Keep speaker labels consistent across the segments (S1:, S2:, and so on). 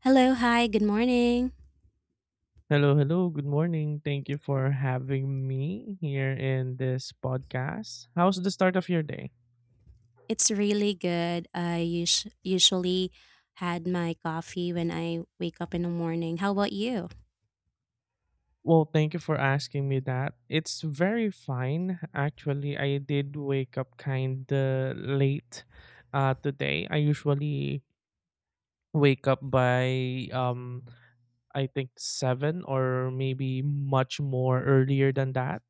S1: Hello, hi, good morning.
S2: Hello, hello. Good morning. Thank you for having me here in this podcast. How's the start of your day?
S1: It's really good. I usually had my coffee when I wake up in the morning. How about you?
S2: Well, thank you for asking me that. It's very fine. Actually, I did wake up kind of late today. I usually wake up by I think 7 or maybe much more earlier than that.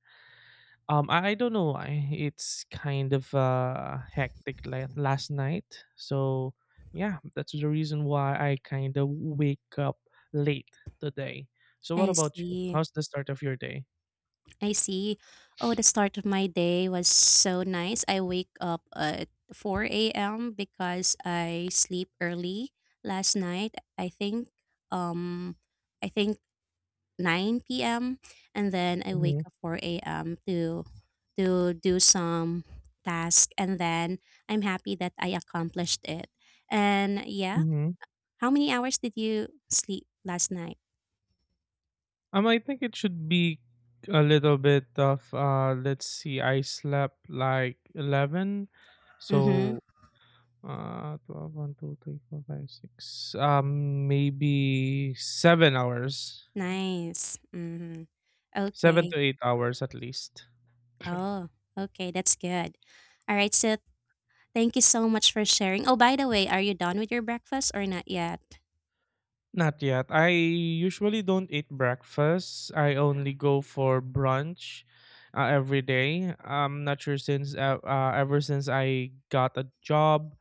S2: I don't know. It's kind of hectic last night. So, yeah, that's the reason why I kind of wake up late today. So, what
S1: I
S2: about you?
S1: see.
S2: How's the start of your day?
S1: I see. Oh, the start of my day was so nice. I wake up at 4 a.m. because I sleep early last night. I think um I think 9 p.m. and then I wake
S2: Hmm.
S1: up 4 a.m. to do some task and then I'm happy that I accomplished it. And yeah,
S2: Hmm.
S1: how many hours did you sleep last night?
S2: I think it should be a little bit of Let's see. I slept like 11,
S1: Mm-hmm.
S2: so 12, one, two, three, four, five, six. Maybe 7 hours.
S1: Nice. Mm-hmm.
S2: 7
S1: Okay.
S2: to 8 hours at least.
S1: Oh, okay. That's good. All right. So thank you so much for sharing. Oh, by the way, are you done with your breakfast or not yet?
S2: Not yet. I usually don't eat breakfast. I only go for brunch every day. I'm not sure since ever since I got a job,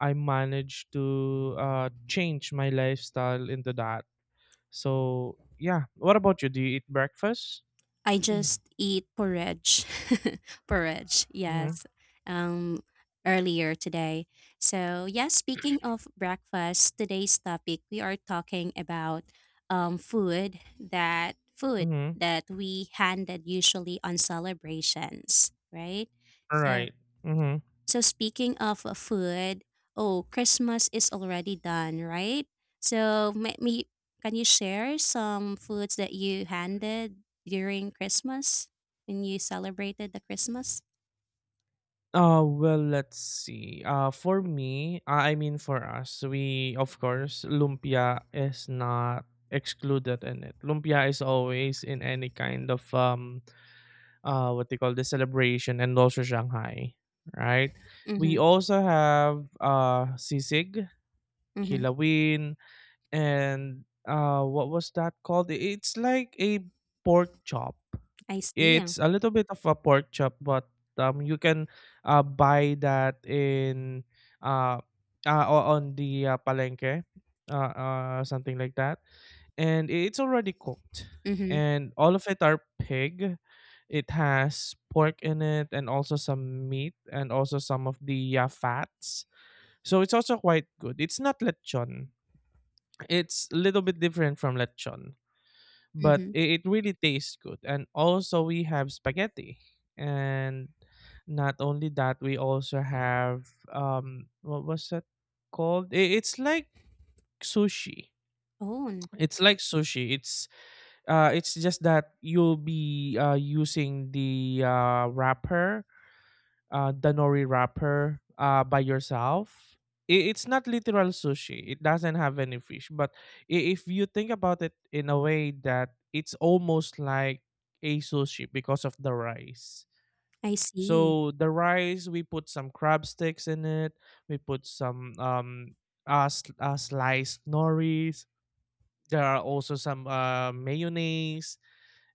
S2: I managed to change my lifestyle into that. So yeah. What about you? Do you eat breakfast?
S1: I just eat porridge. Porridge,
S2: Mm-hmm.
S1: yes. Um, Earlier today. So, yeah, speaking of breakfast, today's topic we are talking about food
S2: Mm-hmm.
S1: that we handed usually on celebrations, right?
S2: All
S1: So.
S2: right. Mm-hmm.
S1: So speaking of food, oh, Christmas is already done, right? So may, me Can you share some foods that you handed during Christmas when you celebrated the Christmas?
S2: Well, let's see. For me, I mean for us, we of course lumpia is not excluded in it. Lumpia is always in any kind of what they call the celebration, and also Shanghai, right? We
S1: Mhm.
S2: also have sisig,
S1: Mhm.
S2: kilawin, and what was that called? It's like a pork chop.
S1: I see. Yeah.
S2: It's a little bit of a pork chop, but you can buy that in uh, on the palenque, something like that, and it's already cooked.
S1: Mhm.
S2: And all of it are pig, it has pork in it and also some meat and also some of the fats. So it's also quite good. It's not lechon, it's a little bit different from lechon, but
S1: Mhm.
S2: it really tastes good. And also we have spaghetti. And not only that, we also have what was that called? It's like sushi.
S1: Oh, n-
S2: It's like sushi. It's just that you'll be using the wrapper, the nori wrapper, by yourself. It's not literal sushi. It doesn't have any fish. But if you think about it in a way that it's almost like a sushi because of the rice.
S1: I see.
S2: So the rice, we put some crab sticks in it. We put some sliced noris. There are also some mayonnaise,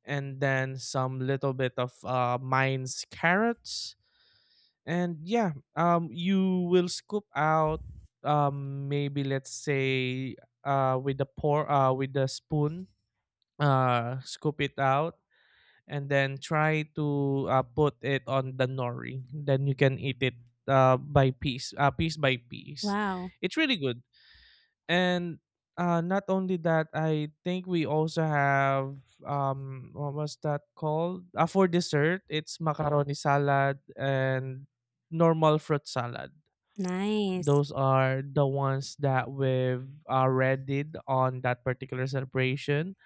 S2: and then some little bit of mine's carrots. And yeah, you will scoop out, maybe let's say, with the spoon, scoop it out, and then try to put it on the nori. Then you can eat it by piece, piece by piece.
S1: Wow.
S2: It's really good. And not only that, I think we also have what was that called? For dessert, it's macaroni salad and normal fruit salad.
S1: Nice.
S2: Those are the ones that we've readied on that particular celebration,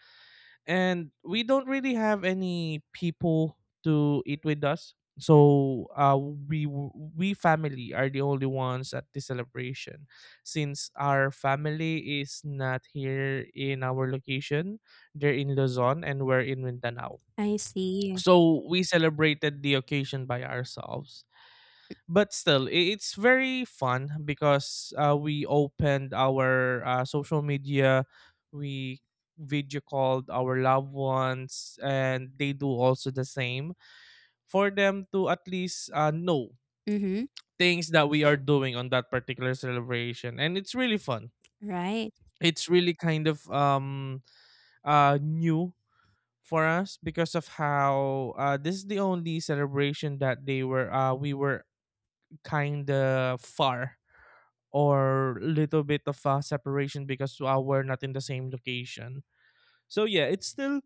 S2: and we don't really have any people to eat with us, so we family are the only ones at the celebration, since our family is not here in our location. They're in Luzon and we're in Mindanao.
S1: I see.
S2: So we celebrated the occasion by ourselves, but still it's very fun, because we opened our social media. We video called our loved ones, and they do also the same, for them to at least know
S1: Mhm.
S2: things that we are doing on that particular celebration. And it's really fun.
S1: Right.
S2: It's really kind of new for us because of how this is the only celebration that they were we were kind of far, or little bit of a separation, because we're not in the same location. So yeah,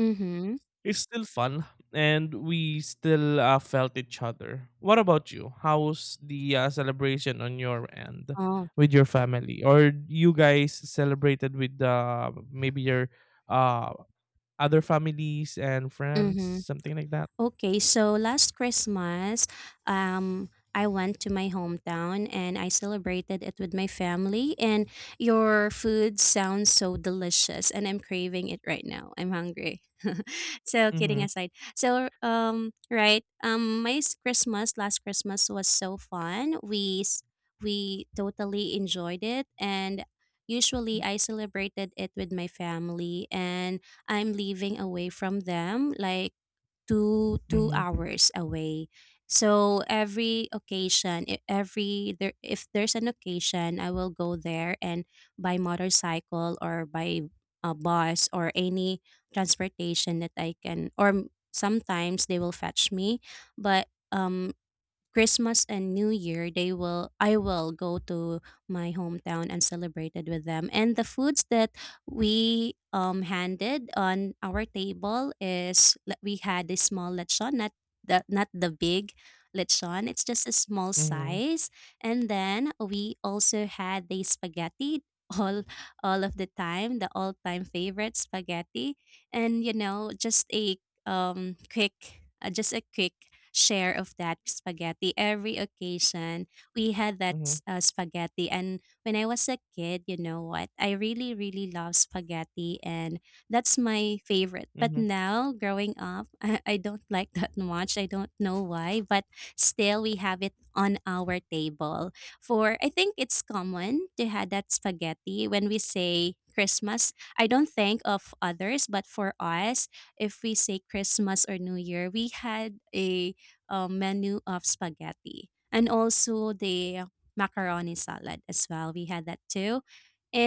S1: Mhm.
S2: it's still fun, and we still felt each other. What about you? How's the celebration on your end
S1: Oh.
S2: with your family, or you guys celebrated with maybe your uh, other families and friends,
S1: Mhm.
S2: something like that?
S1: Okay, so last Christmas, um, I went to my hometown and I celebrated it with my family. And your food sounds so delicious, and I'm craving it right now. I'm hungry. So kidding
S2: Mhm.
S1: aside, so Christmas last Christmas was so fun. We totally enjoyed it, and usually I celebrated it with my family, and I'm living away from them, like two two
S2: Mhm.
S1: hours away, so every occasion, I- every there if there's an occasion I will go there, and by motorcycle or by a bus or any transportation that I can, or sometimes they will fetch me. But Christmas and New Year, they will I will go to my hometown and celebrated with them. And the foods that we handed on our table is we had a small lechon, not the big lechon. It's just a small
S2: Mhm.
S1: size. And then we also had the spaghetti all all of the time, the all time favorite spaghetti. And you know, just a quick just a quick share of that spaghetti every occasion. We had that
S2: Mhm.
S1: spaghetti. And when I was a kid, you know what? I really, really love spaghetti. And that's my favorite. But
S2: Mhm.
S1: now, growing up, I don't like that much. I don't know why. But still, we have it on our table. For I think it's common to have that spaghetti when we say Christmas. I don't think of others, but for us, if we say Christmas or New Year, we had a menu of spaghetti and also the macaroni salad as well. We had that too.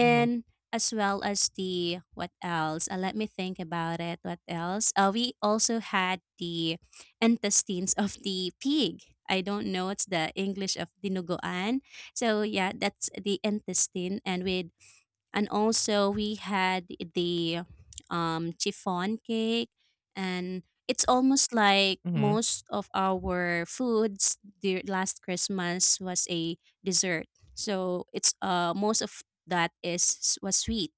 S2: Mhm.
S1: as well as the what else? Let me think about it. What else? We also had the intestines of the pig. I don't know what's the English of dinuguan. So yeah, that's the intestine, and with and also we had the chiffon cake, and it's almost like
S2: Mhm.
S1: most of our foods the last Christmas was a dessert, so it's most of that is was sweet.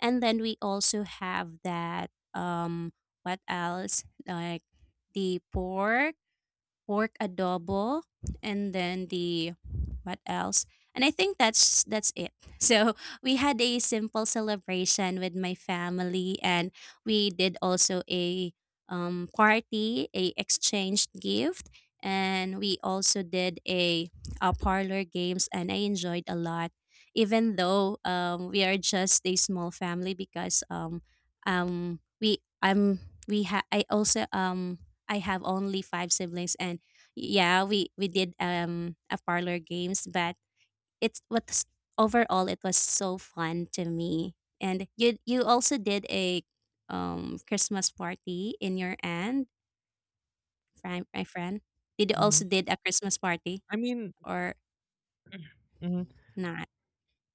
S1: And then we also have that what else like the pork adobo and then the what else? And I think that's it. So we had a simple celebration with my family, and we did also a party, a exchanged gift, and we also did a parlor games and I enjoyed a lot, even though we are just a small family because um, we I'm we I also I have only 5 siblings. And yeah, we did a parlor games, but it's what's overall it was so fun to me. And you also did a Christmas party in your end, my friend. Did you
S2: Mhm.
S1: also did a Christmas party
S2: I mean,
S1: or
S2: mhm.
S1: not?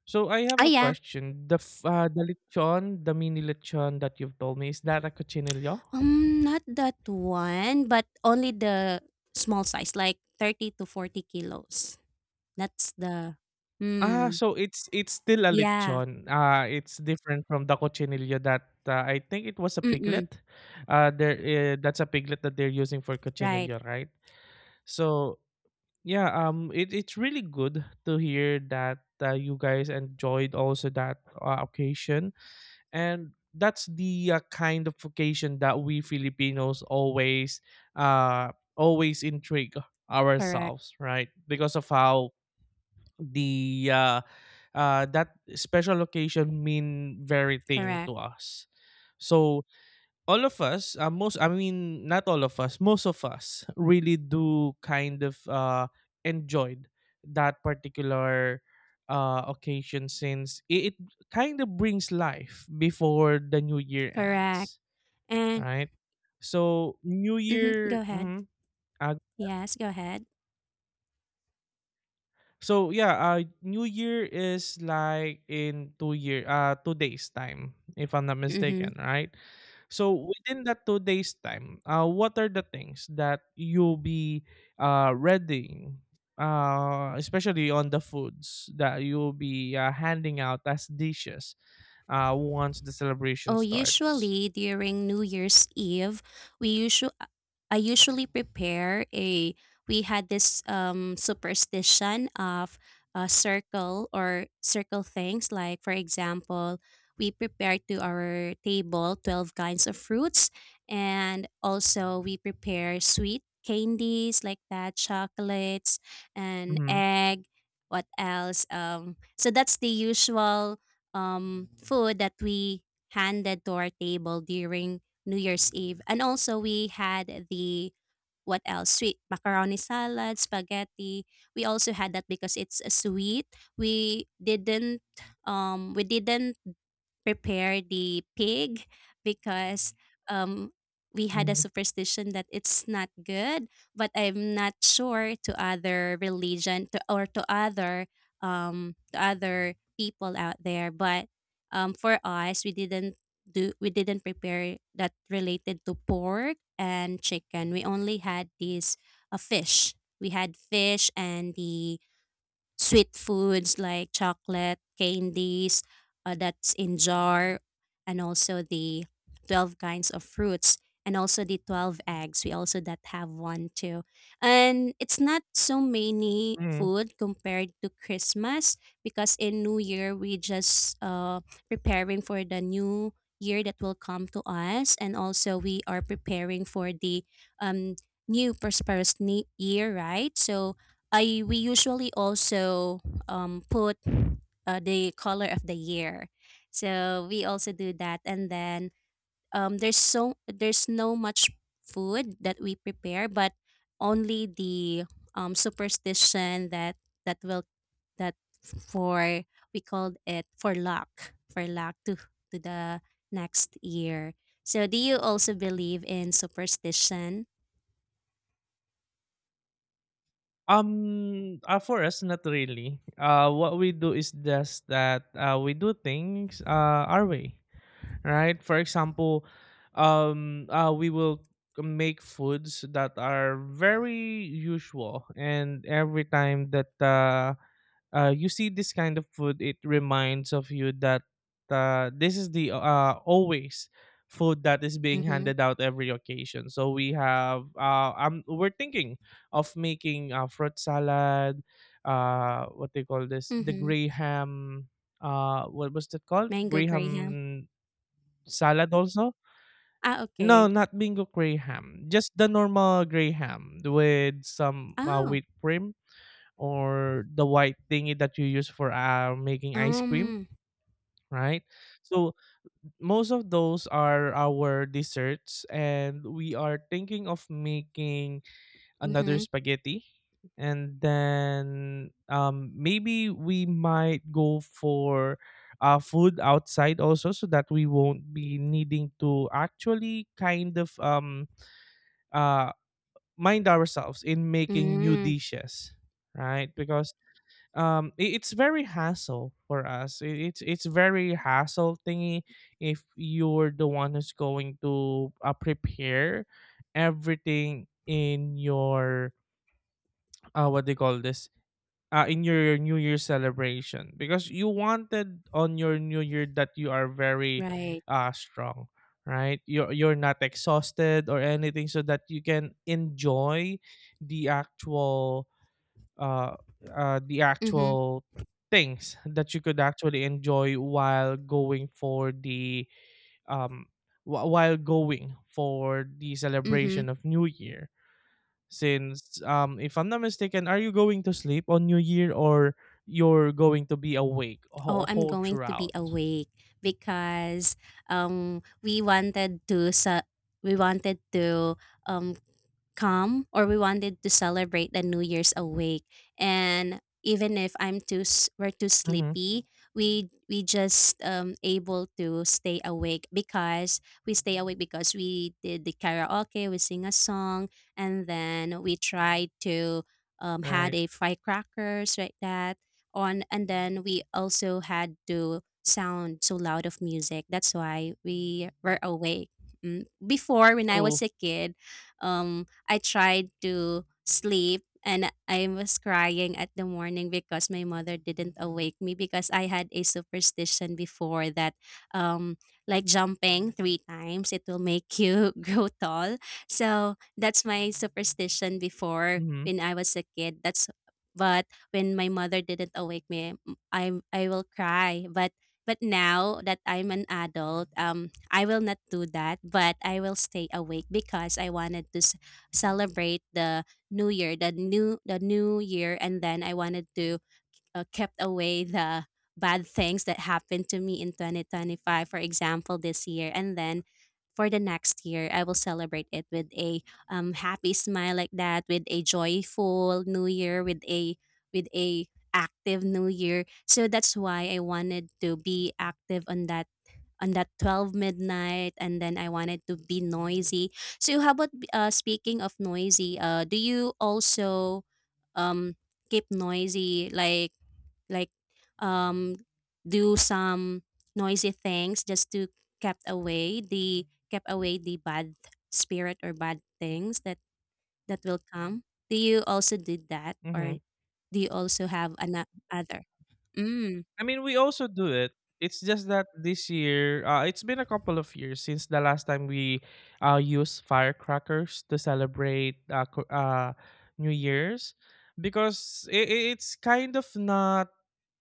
S2: So I
S1: Oh
S2: have a
S1: yeah,
S2: question. The lechon, the mini lechon that you've told me, is that a cochinillo?
S1: not that one, but only the small size like 30 to 40 kilos. That's the
S2: Ah,
S1: mm.
S2: so it's still a
S1: Yeah.
S2: lechon. It's different from the cochinillo that I think it was a
S1: Mm mm.
S2: piglet. There That's a piglet that they're using for
S1: Right.
S2: cochinillo, right? So yeah, it's really good to hear that you guys enjoyed also that occasion. And that's the kind of occasion that we Filipinos always uh always intrigue
S1: Correct.
S2: ourselves, right, because of how the that special occasion mean very thing to
S1: Correct.
S2: us. So all of us, most, I mean, not all of us, most of us really do kind of enjoyed that particular occasion, since it kind of brings life before the new year
S1: Correct. Correct.
S2: ends,
S1: And
S2: right? So, new
S1: mhm, go
S2: year.
S1: ahead.
S2: Mhm. Uh,
S1: Yes, go ahead.
S2: So yeah, New Year is like in 2 days time, if I'm not
S1: Mhm.
S2: mistaken, right? So within that 2 days time, what are the things that you'll be readying, especially on the foods that you'll be handing out as dishes, once the celebration
S1: Oh,
S2: starts.
S1: usually during New Year's Eve, we usually I usually prepare a, we had this superstition of a circle, or circle things, like for example, we prepare to our table 12 kinds of fruits, and also we prepare sweet candies like that, chocolates, and
S2: Mm-hmm.
S1: egg, what else, so that's the usual food that we handed to our table during New Year's Eve. And also we had the what else? Sweet macaroni salad, spaghetti. We also had that because it's a sweet. We didn't we didn't prepare the pig because um, we had a
S2: Mm-hmm.
S1: superstition that it's not good. But I'm not sure to other religion to, or to other people out there. But for us, we didn't prepare that related to pork and chicken. We only had these a fish. We had fish and the sweet foods like chocolate, candies, that's in jar, and also the 12 kinds of fruits, and also the 12 eggs. We also that have one too. And it's not so many
S2: Mm-hmm.
S1: food compared to Christmas, because in New Year, we just preparing for the new year that will come to us, and also we are preparing for the um, new prosperous year, right? So I, we usually also put the color of the year, so we also do that. And then there's no much food that we prepare, but only the superstition that that will that for we called it for luck, for luck to the next year. So do you also believe in superstition?
S2: For us, not really. What we do is just that we do things our way, right? For example, we will make foods that are very usual, and every time that you see this kind of food, it reminds of you that this is the always food that is being
S1: Mm-hmm.
S2: handed out every occasion. So we're thinking of making fruit salad, what they call this, the
S1: Mm-hmm.
S2: gray ham. What was that called?
S1: Mango
S2: Gray
S1: Graham.
S2: ham salad also.
S1: Ah,
S2: No,
S1: okay.
S2: not bingo gray ham. Just the normal gray ham with some
S1: Ah,
S2: whipped cream, or the white thingy that you use for making ice cream,
S1: um,
S2: right? So most of those are our desserts, and we are thinking of making another
S1: mhm,
S2: spaghetti, and then maybe we might go for food outside also, so that we won't be needing to actually kind of uh mind ourselves in making new
S1: mm,
S2: dishes, right? Because it's very hassle for us. It's very hassle thingy if you're the one who's going to prepare everything in your what they call this in your new year celebration, because you wanted on your new year that you are very
S1: right.
S2: strong, right? You're not exhausted or anything, so that you can enjoy the actual uh, the
S1: Mhm,
S2: actual things that you could actually enjoy while going for the um,
S1: mhm.
S2: celebration of New Year. Since, if I'm not mistaken, are you going to sleep on New Year, or you're going to be awake
S1: Oh,
S2: whole,
S1: I'm
S2: whole
S1: going to be
S2: throughout?
S1: awake because we wanted to we wanted to um calm, or we wanted to celebrate the new year's awake. And even if we're too
S2: Mm-hmm.
S1: sleepy, we just able to stay awake because we stay awake because we did the karaoke, we sing a song, and then we tried to had
S2: Right.
S1: a firecrackers like that on, and then we also had to sound so loud of music, that's why we were awake. Mm, before when I
S2: True.
S1: was a kid, um I tried to sleep and I was crying at the morning because my mother didn't awake me, because I had a superstition before that um like jumping 3 times it will make you grow tall. So that's my superstition before
S2: Mm-hmm.
S1: when I was a kid. That's but when my mother didn't awake me, I will cry. But now that I'm an adult, I will not do that. But I will stay awake because I wanted to celebrate the new year, and then I wanted to kept away the bad things that happened to me in 2025, for example this year. And then for the next year, I will celebrate it with a happy smile, like that, with a joyful new year, with a active new year. So that's why I wanted to be active on that, on that 12 midnight, and then I wanted to be noisy. So how about, uh, speaking of noisy, uh, do you also um keep noisy, like um do some noisy things just to kept away the bad spirit or bad things that that will come? Do you also do that,
S2: Mm-hmm.
S1: or do you also have another other? Mm,
S2: I mean, we also do it. It's just that this year, it's been a couple of years since the last time we used firecrackers to celebrate New Year's, because it's kind of not,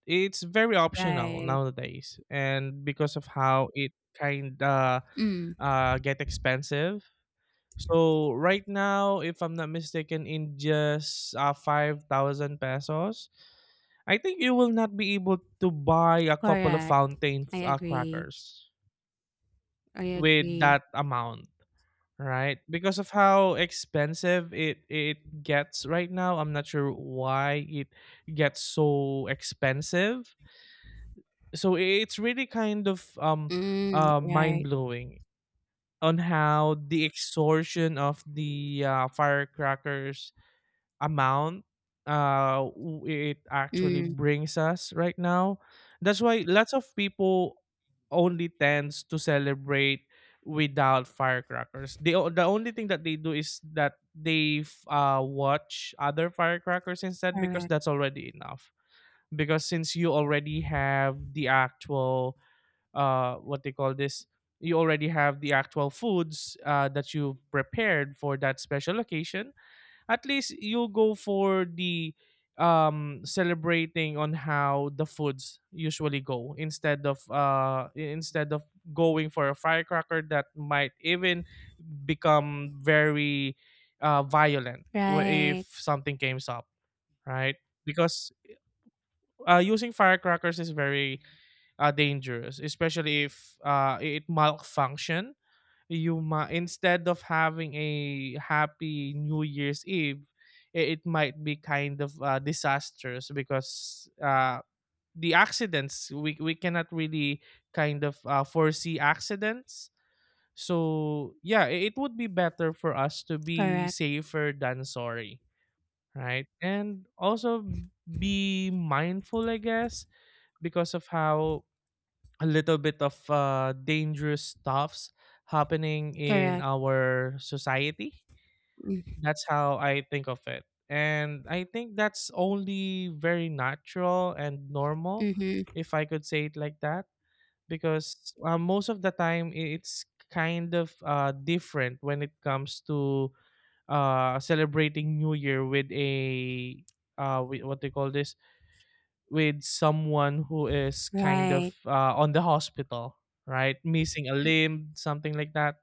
S2: it's very optional
S1: right.
S2: nowadays. And because of how it kind of
S1: Mm,
S2: get expensive, so right now, if I'm not mistaken, in just 5,000 pesos, I think you will not be able to buy a couple of
S1: correct.
S2: fountain
S1: I agree.
S2: crackers
S1: I
S2: with
S1: agree.
S2: that amount, right? Because of how expensive it gets right now. I'm not sure why it gets so expensive. So it's really kind of
S1: Mm,
S2: mind
S1: right.
S2: blowing on how the extortion of the firecrackers amount it actually
S1: Mm,
S2: brings us right now. That's why lots of people only tends to celebrate without firecrackers. The only thing that they do is that they watch other firecrackers instead, because
S1: correct.
S2: that's already enough. Because since you already have the actual what they call this, you already have the actual foods that you prepared for that special occasion, at least you go for the celebrating on how the foods usually go, instead of going for a firecracker that might even become very violent if
S1: Right.
S2: something came up, right? Because using firecrackers is very dangerous, especially if it malfunction. You might, instead of having a happy New Year's Eve, it might be kind of disastrous, because the accidents, we cannot really kind of foresee accidents. So yeah, it would be better for us to be
S1: Correct.
S2: safer than sorry, right? And also be mindful, I guess, because of how a little bit of dangerous stuffs happening in
S1: Correct.
S2: our society. That's how I think of it. And I think that's only very natural and normal,
S1: Mm-hmm.
S2: if I could say it like that, because most of the time it's kind of different when it comes to celebrating New Year with a what they call this with someone who is kind of
S1: Right.
S2: on the hospital, right? Missing a
S1: Mm,
S2: limb, something like that.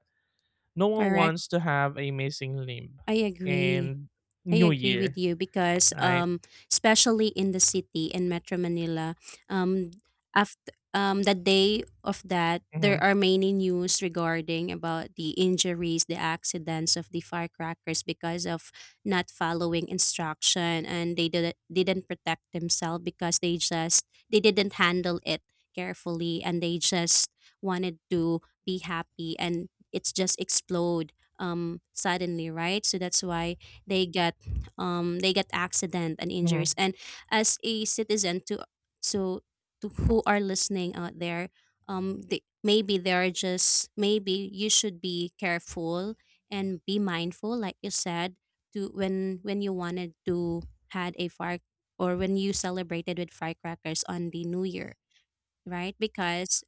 S2: No one
S1: correct.
S2: wants to have a missing limb
S1: I agree.
S2: in
S1: I
S2: New
S1: agree with
S2: Year,
S1: you because
S2: right?
S1: especially in the city in Metro Manila, um after the day of that,
S2: Mm-hmm,
S1: there are many news regarding about the injuries, the accidents of the firecrackers, because of not following instruction, and didn't protect themselves because they just they didn't handle it carefully, and they just wanted to be happy, and it's just explode suddenly, right? So that's why they got they get accident and injuries.
S2: mm-hmm,
S1: And as a citizen, so to who are listening out there, they, maybe they are just maybe you should be careful and be mindful, like you said, to when you wanted to had a fire, or when you celebrated with firecrackers on the New Year, right? Because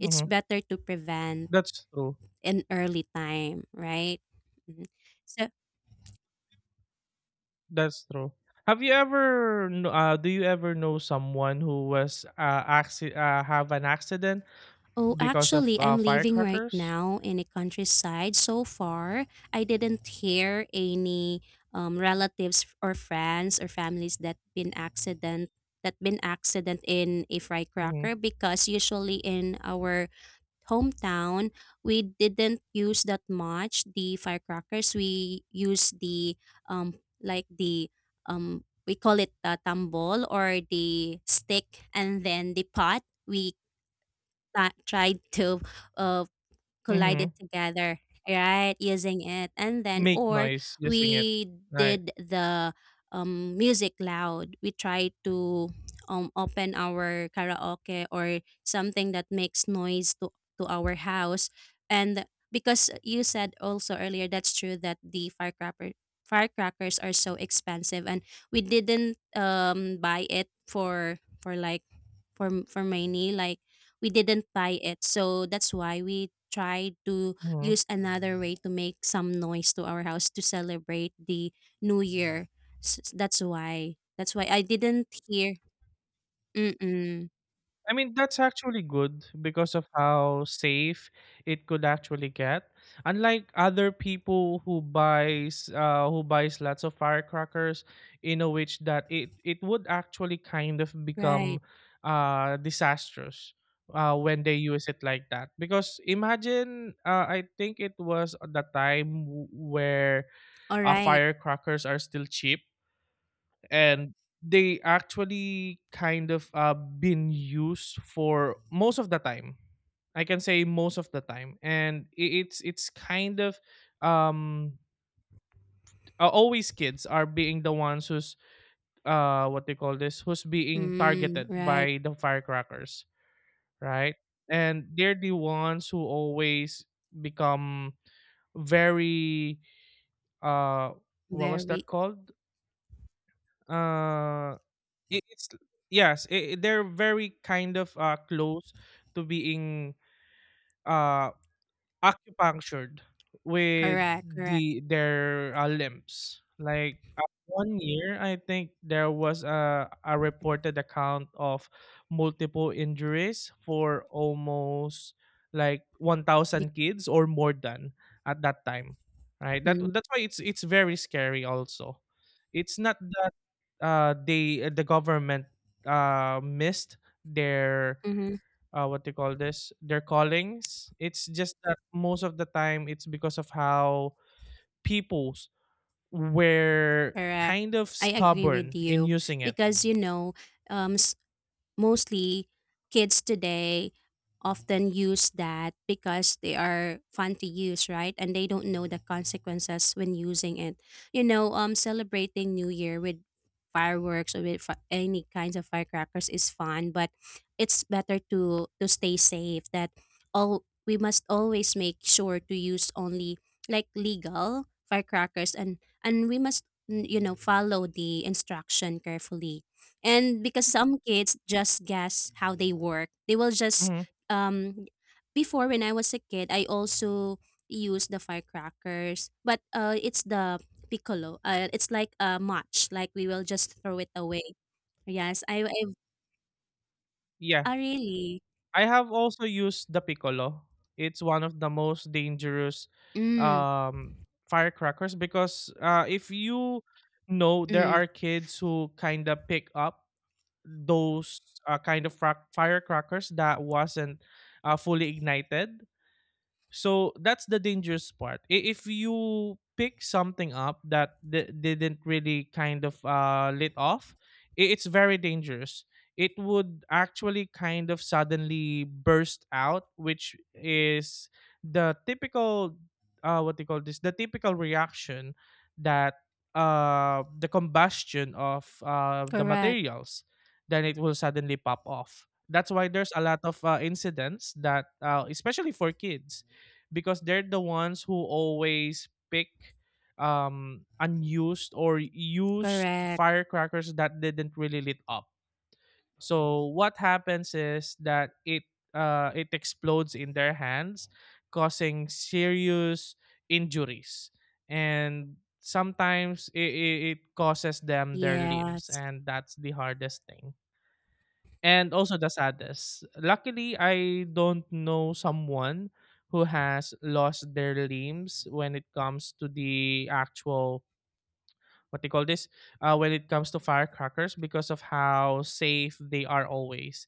S1: it's
S2: mm-hmm.
S1: better to prevent
S2: That's true.
S1: in early time, right? Mhm. So
S2: That's true. Have you ever, do you ever know someone who was have an accident
S1: Oh,
S2: because of
S1: actually, I'm living right
S2: firecrackers?
S1: now in a countryside. So far, I didn't hear any relatives or friends or families that been accident, that been accident in a fry
S2: Mm-hmm,
S1: cracker, because usually in our hometown we didn't use that much the firecrackers. We use the um like the we call it the tambol or the stick and then the pot. We tried to uh, collide
S2: mm-hmm.
S1: it together, right? Using it, and then
S2: Make
S1: or
S2: noise using it,
S1: we
S2: right?
S1: did the music loud. We tried to open our karaoke or something that makes noise to our house, and because you said also earlier, that's true that the firecrackers are so expensive and we didn't buy it for like for many like we didn't tie it. So that's why we tried to
S2: Mm-hmm.
S1: use another way to make some noise to our house to celebrate the new year. That's why. That's why I didn't hear. Mm-mm.
S2: I mean, that's actually good because of how safe it could actually get. Unlike other people who buys lots of firecrackers in a which that it would actually kind of
S1: Right.
S2: become disastrous when they use it like that. Because imagine I think it was at the time where
S1: All right.
S2: firecrackers are still cheap and they actually kind of been used for most of the time I can say most of the time and it's kind of um always kids are being the ones who's what they call this who's being
S1: Mm,
S2: targeted
S1: right.
S2: by the firecrackers right and they're the ones who always become very uh what was that
S1: Very
S2: called uh it's yes I they're very kind of close to being uh acupunctured with
S1: correct. Correct.
S2: the their limbs like one year I think there was a reported account of multiple injuries for almost like
S1: Be-
S2: 1000 kids or more than at that time right that
S1: mm,
S2: that's why it's very scary also it's not the they the government missed their
S1: mhm,
S2: what they call this their callings it's just that most of the time it's because of how peoples were
S1: correct.
S2: kind of
S1: I agree with
S2: stubborn in
S1: you
S2: using it
S1: because um, mostly kids today often use that because they are fun to use, right? And they don't know the consequences when using it. Celebrating new year with fireworks or with any kinds of firecrackers is fun, but it's better to stay safe. That all, we must always make sure to use only like legal firecrackers, and we must you know, follow the instruction carefully. And because some kids just guess how they work, they will just
S2: hmm
S1: um before, when I was a kid, I also used the firecrackers, but it's the piccolo. Uh, it's like a match, like we will just throw it away. Yes, I
S2: yeah
S1: ah, really.
S2: I have also used the piccolo, it's one of the most dangerous
S1: Mm,
S2: um firecrackers because if you know there
S1: mm,
S2: are kids who kind of pick up those firecrackers that wasn't fully ignited, so that's the dangerous part. If you pick something up that didn't really kind of lit off, it's very dangerous. It would actually kind of suddenly burst out, which is the typical, what they call this, the typical reaction that the combustion of the
S1: correct.
S2: materials, then it will suddenly pop off. That's why there's a lot of incidents that, especially for kids because they're the ones who always pick unused or used
S1: Correct.
S2: firecrackers that didn't really lit up. So what happens is that it explodes in their hands, causing serious injuries. And sometimes it causes them their limbs
S1: Yes.
S2: and that's the hardest thing and also the saddest. Luckily, I don't know someone who has lost their limbs when it comes to the actual what they call this when it comes to firecrackers because of how safe they are always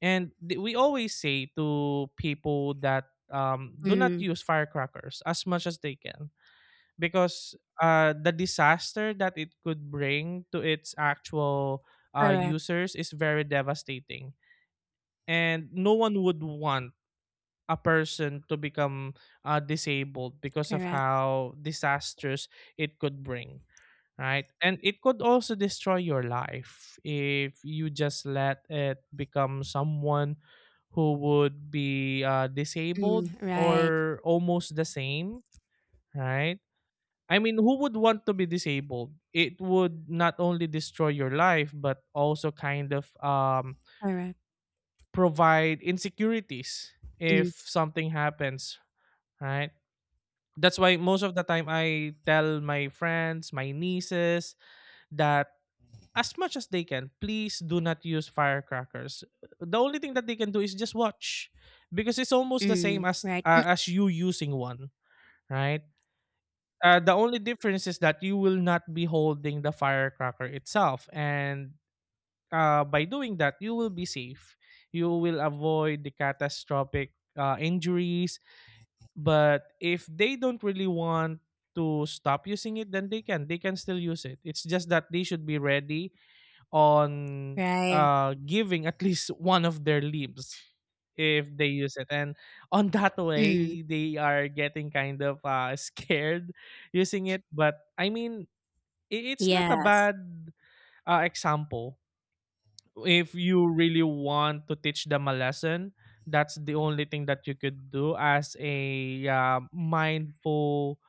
S2: and we always say to people that do not
S1: Mm,
S2: use firecrackers as much as they can because the disaster that it could bring to its actual
S1: correct.
S2: users is very devastating and no one would want a person to become disabled because of
S1: Correct.
S2: how disastrous it could bring, right? And it could also destroy your life if you just let it become someone who would be
S1: Mm,
S2: disabled
S1: right.
S2: or almost the same, right? I mean, who would want to be disabled? It would not only destroy your life but also kind of
S1: Correct.
S2: provide insecurities if
S1: Mm,
S2: something happens, right? That's why most of the time I tell my friends, my nieces that as much as they can, please do not use firecrackers. The only thing that they can do is just watch because it's almost the same
S1: mm, right. And
S2: as you using one, right? The only difference is that you will not be holding the firecracker itself and by doing that, you will be safe. You will avoid the catastrophic injuries. But if they don't really want to stop using it, then they can. They can still use it. It's just that they should be ready on
S1: right.
S2: giving at least one of their limbs if they use it. And on that
S1: Mm,
S2: way, they are getting kind of scared using it. But I mean, it's not a
S1: yes.
S2: bad example if you really want to teach them a lesson. That's the only thing that you could do as a mindful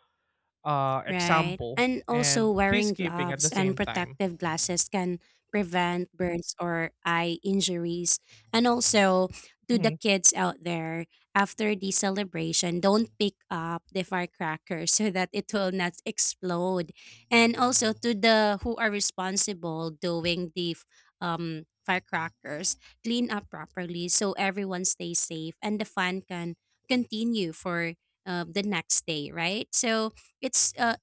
S1: Right.
S2: example
S1: And also
S2: and
S1: wearing
S2: peacekeeping at the
S1: gloves and
S2: same time.
S1: protective glasses can prevent burns or eye injuries. And also to the
S2: Mhm.
S1: kids out there, after the celebration, don't pick up the firecrackers so that it will not explode. And also to the who are responsible doing the firecrackers, clean up properly so everyone stays safe and the fun can continue for the next day, right? So it's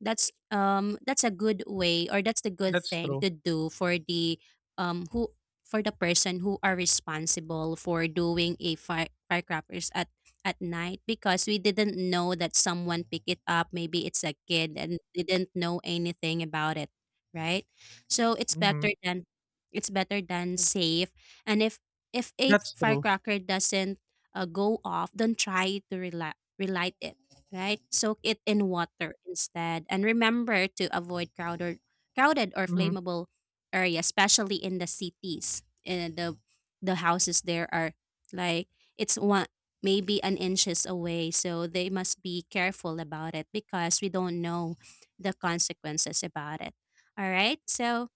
S1: that's a good way, or that's the good
S2: That's
S1: thing
S2: true.
S1: to do for the who for the person who are responsible for doing a firecrackers at night, because we didn't know that someone picked it up. Maybe it's a kid and didn't know anything about it, right? So
S2: Mhm.
S1: it's better than safe. And if a
S2: That's true.
S1: firecracker doesn't go off, don't try to rela relight it, right? Soak it in water instead. And remember to avoid crowded or
S2: Mhm.
S1: flammable areas, especially in the cities. And the houses there are like it's one maybe an inches away. So they must be careful about it because we don't know the consequences about it. All right. So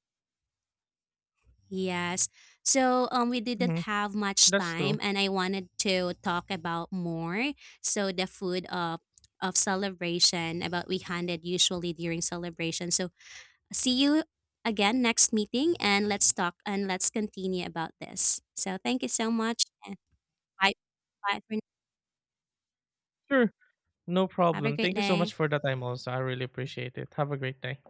S1: yes. So we didn't
S2: Mhm.
S1: have much
S2: That's
S1: time
S2: true.
S1: and I wanted to talk about more. So the food of celebration about we handed usually during celebration. So see you again next meeting, and let's talk and let's continue about this. So thank you so much, and bye bye for now.
S2: Sure. No
S1: Have a
S2: problem.
S1: great
S2: Thank you so
S1: day.
S2: much for the time also. I really appreciate it. Have a great day.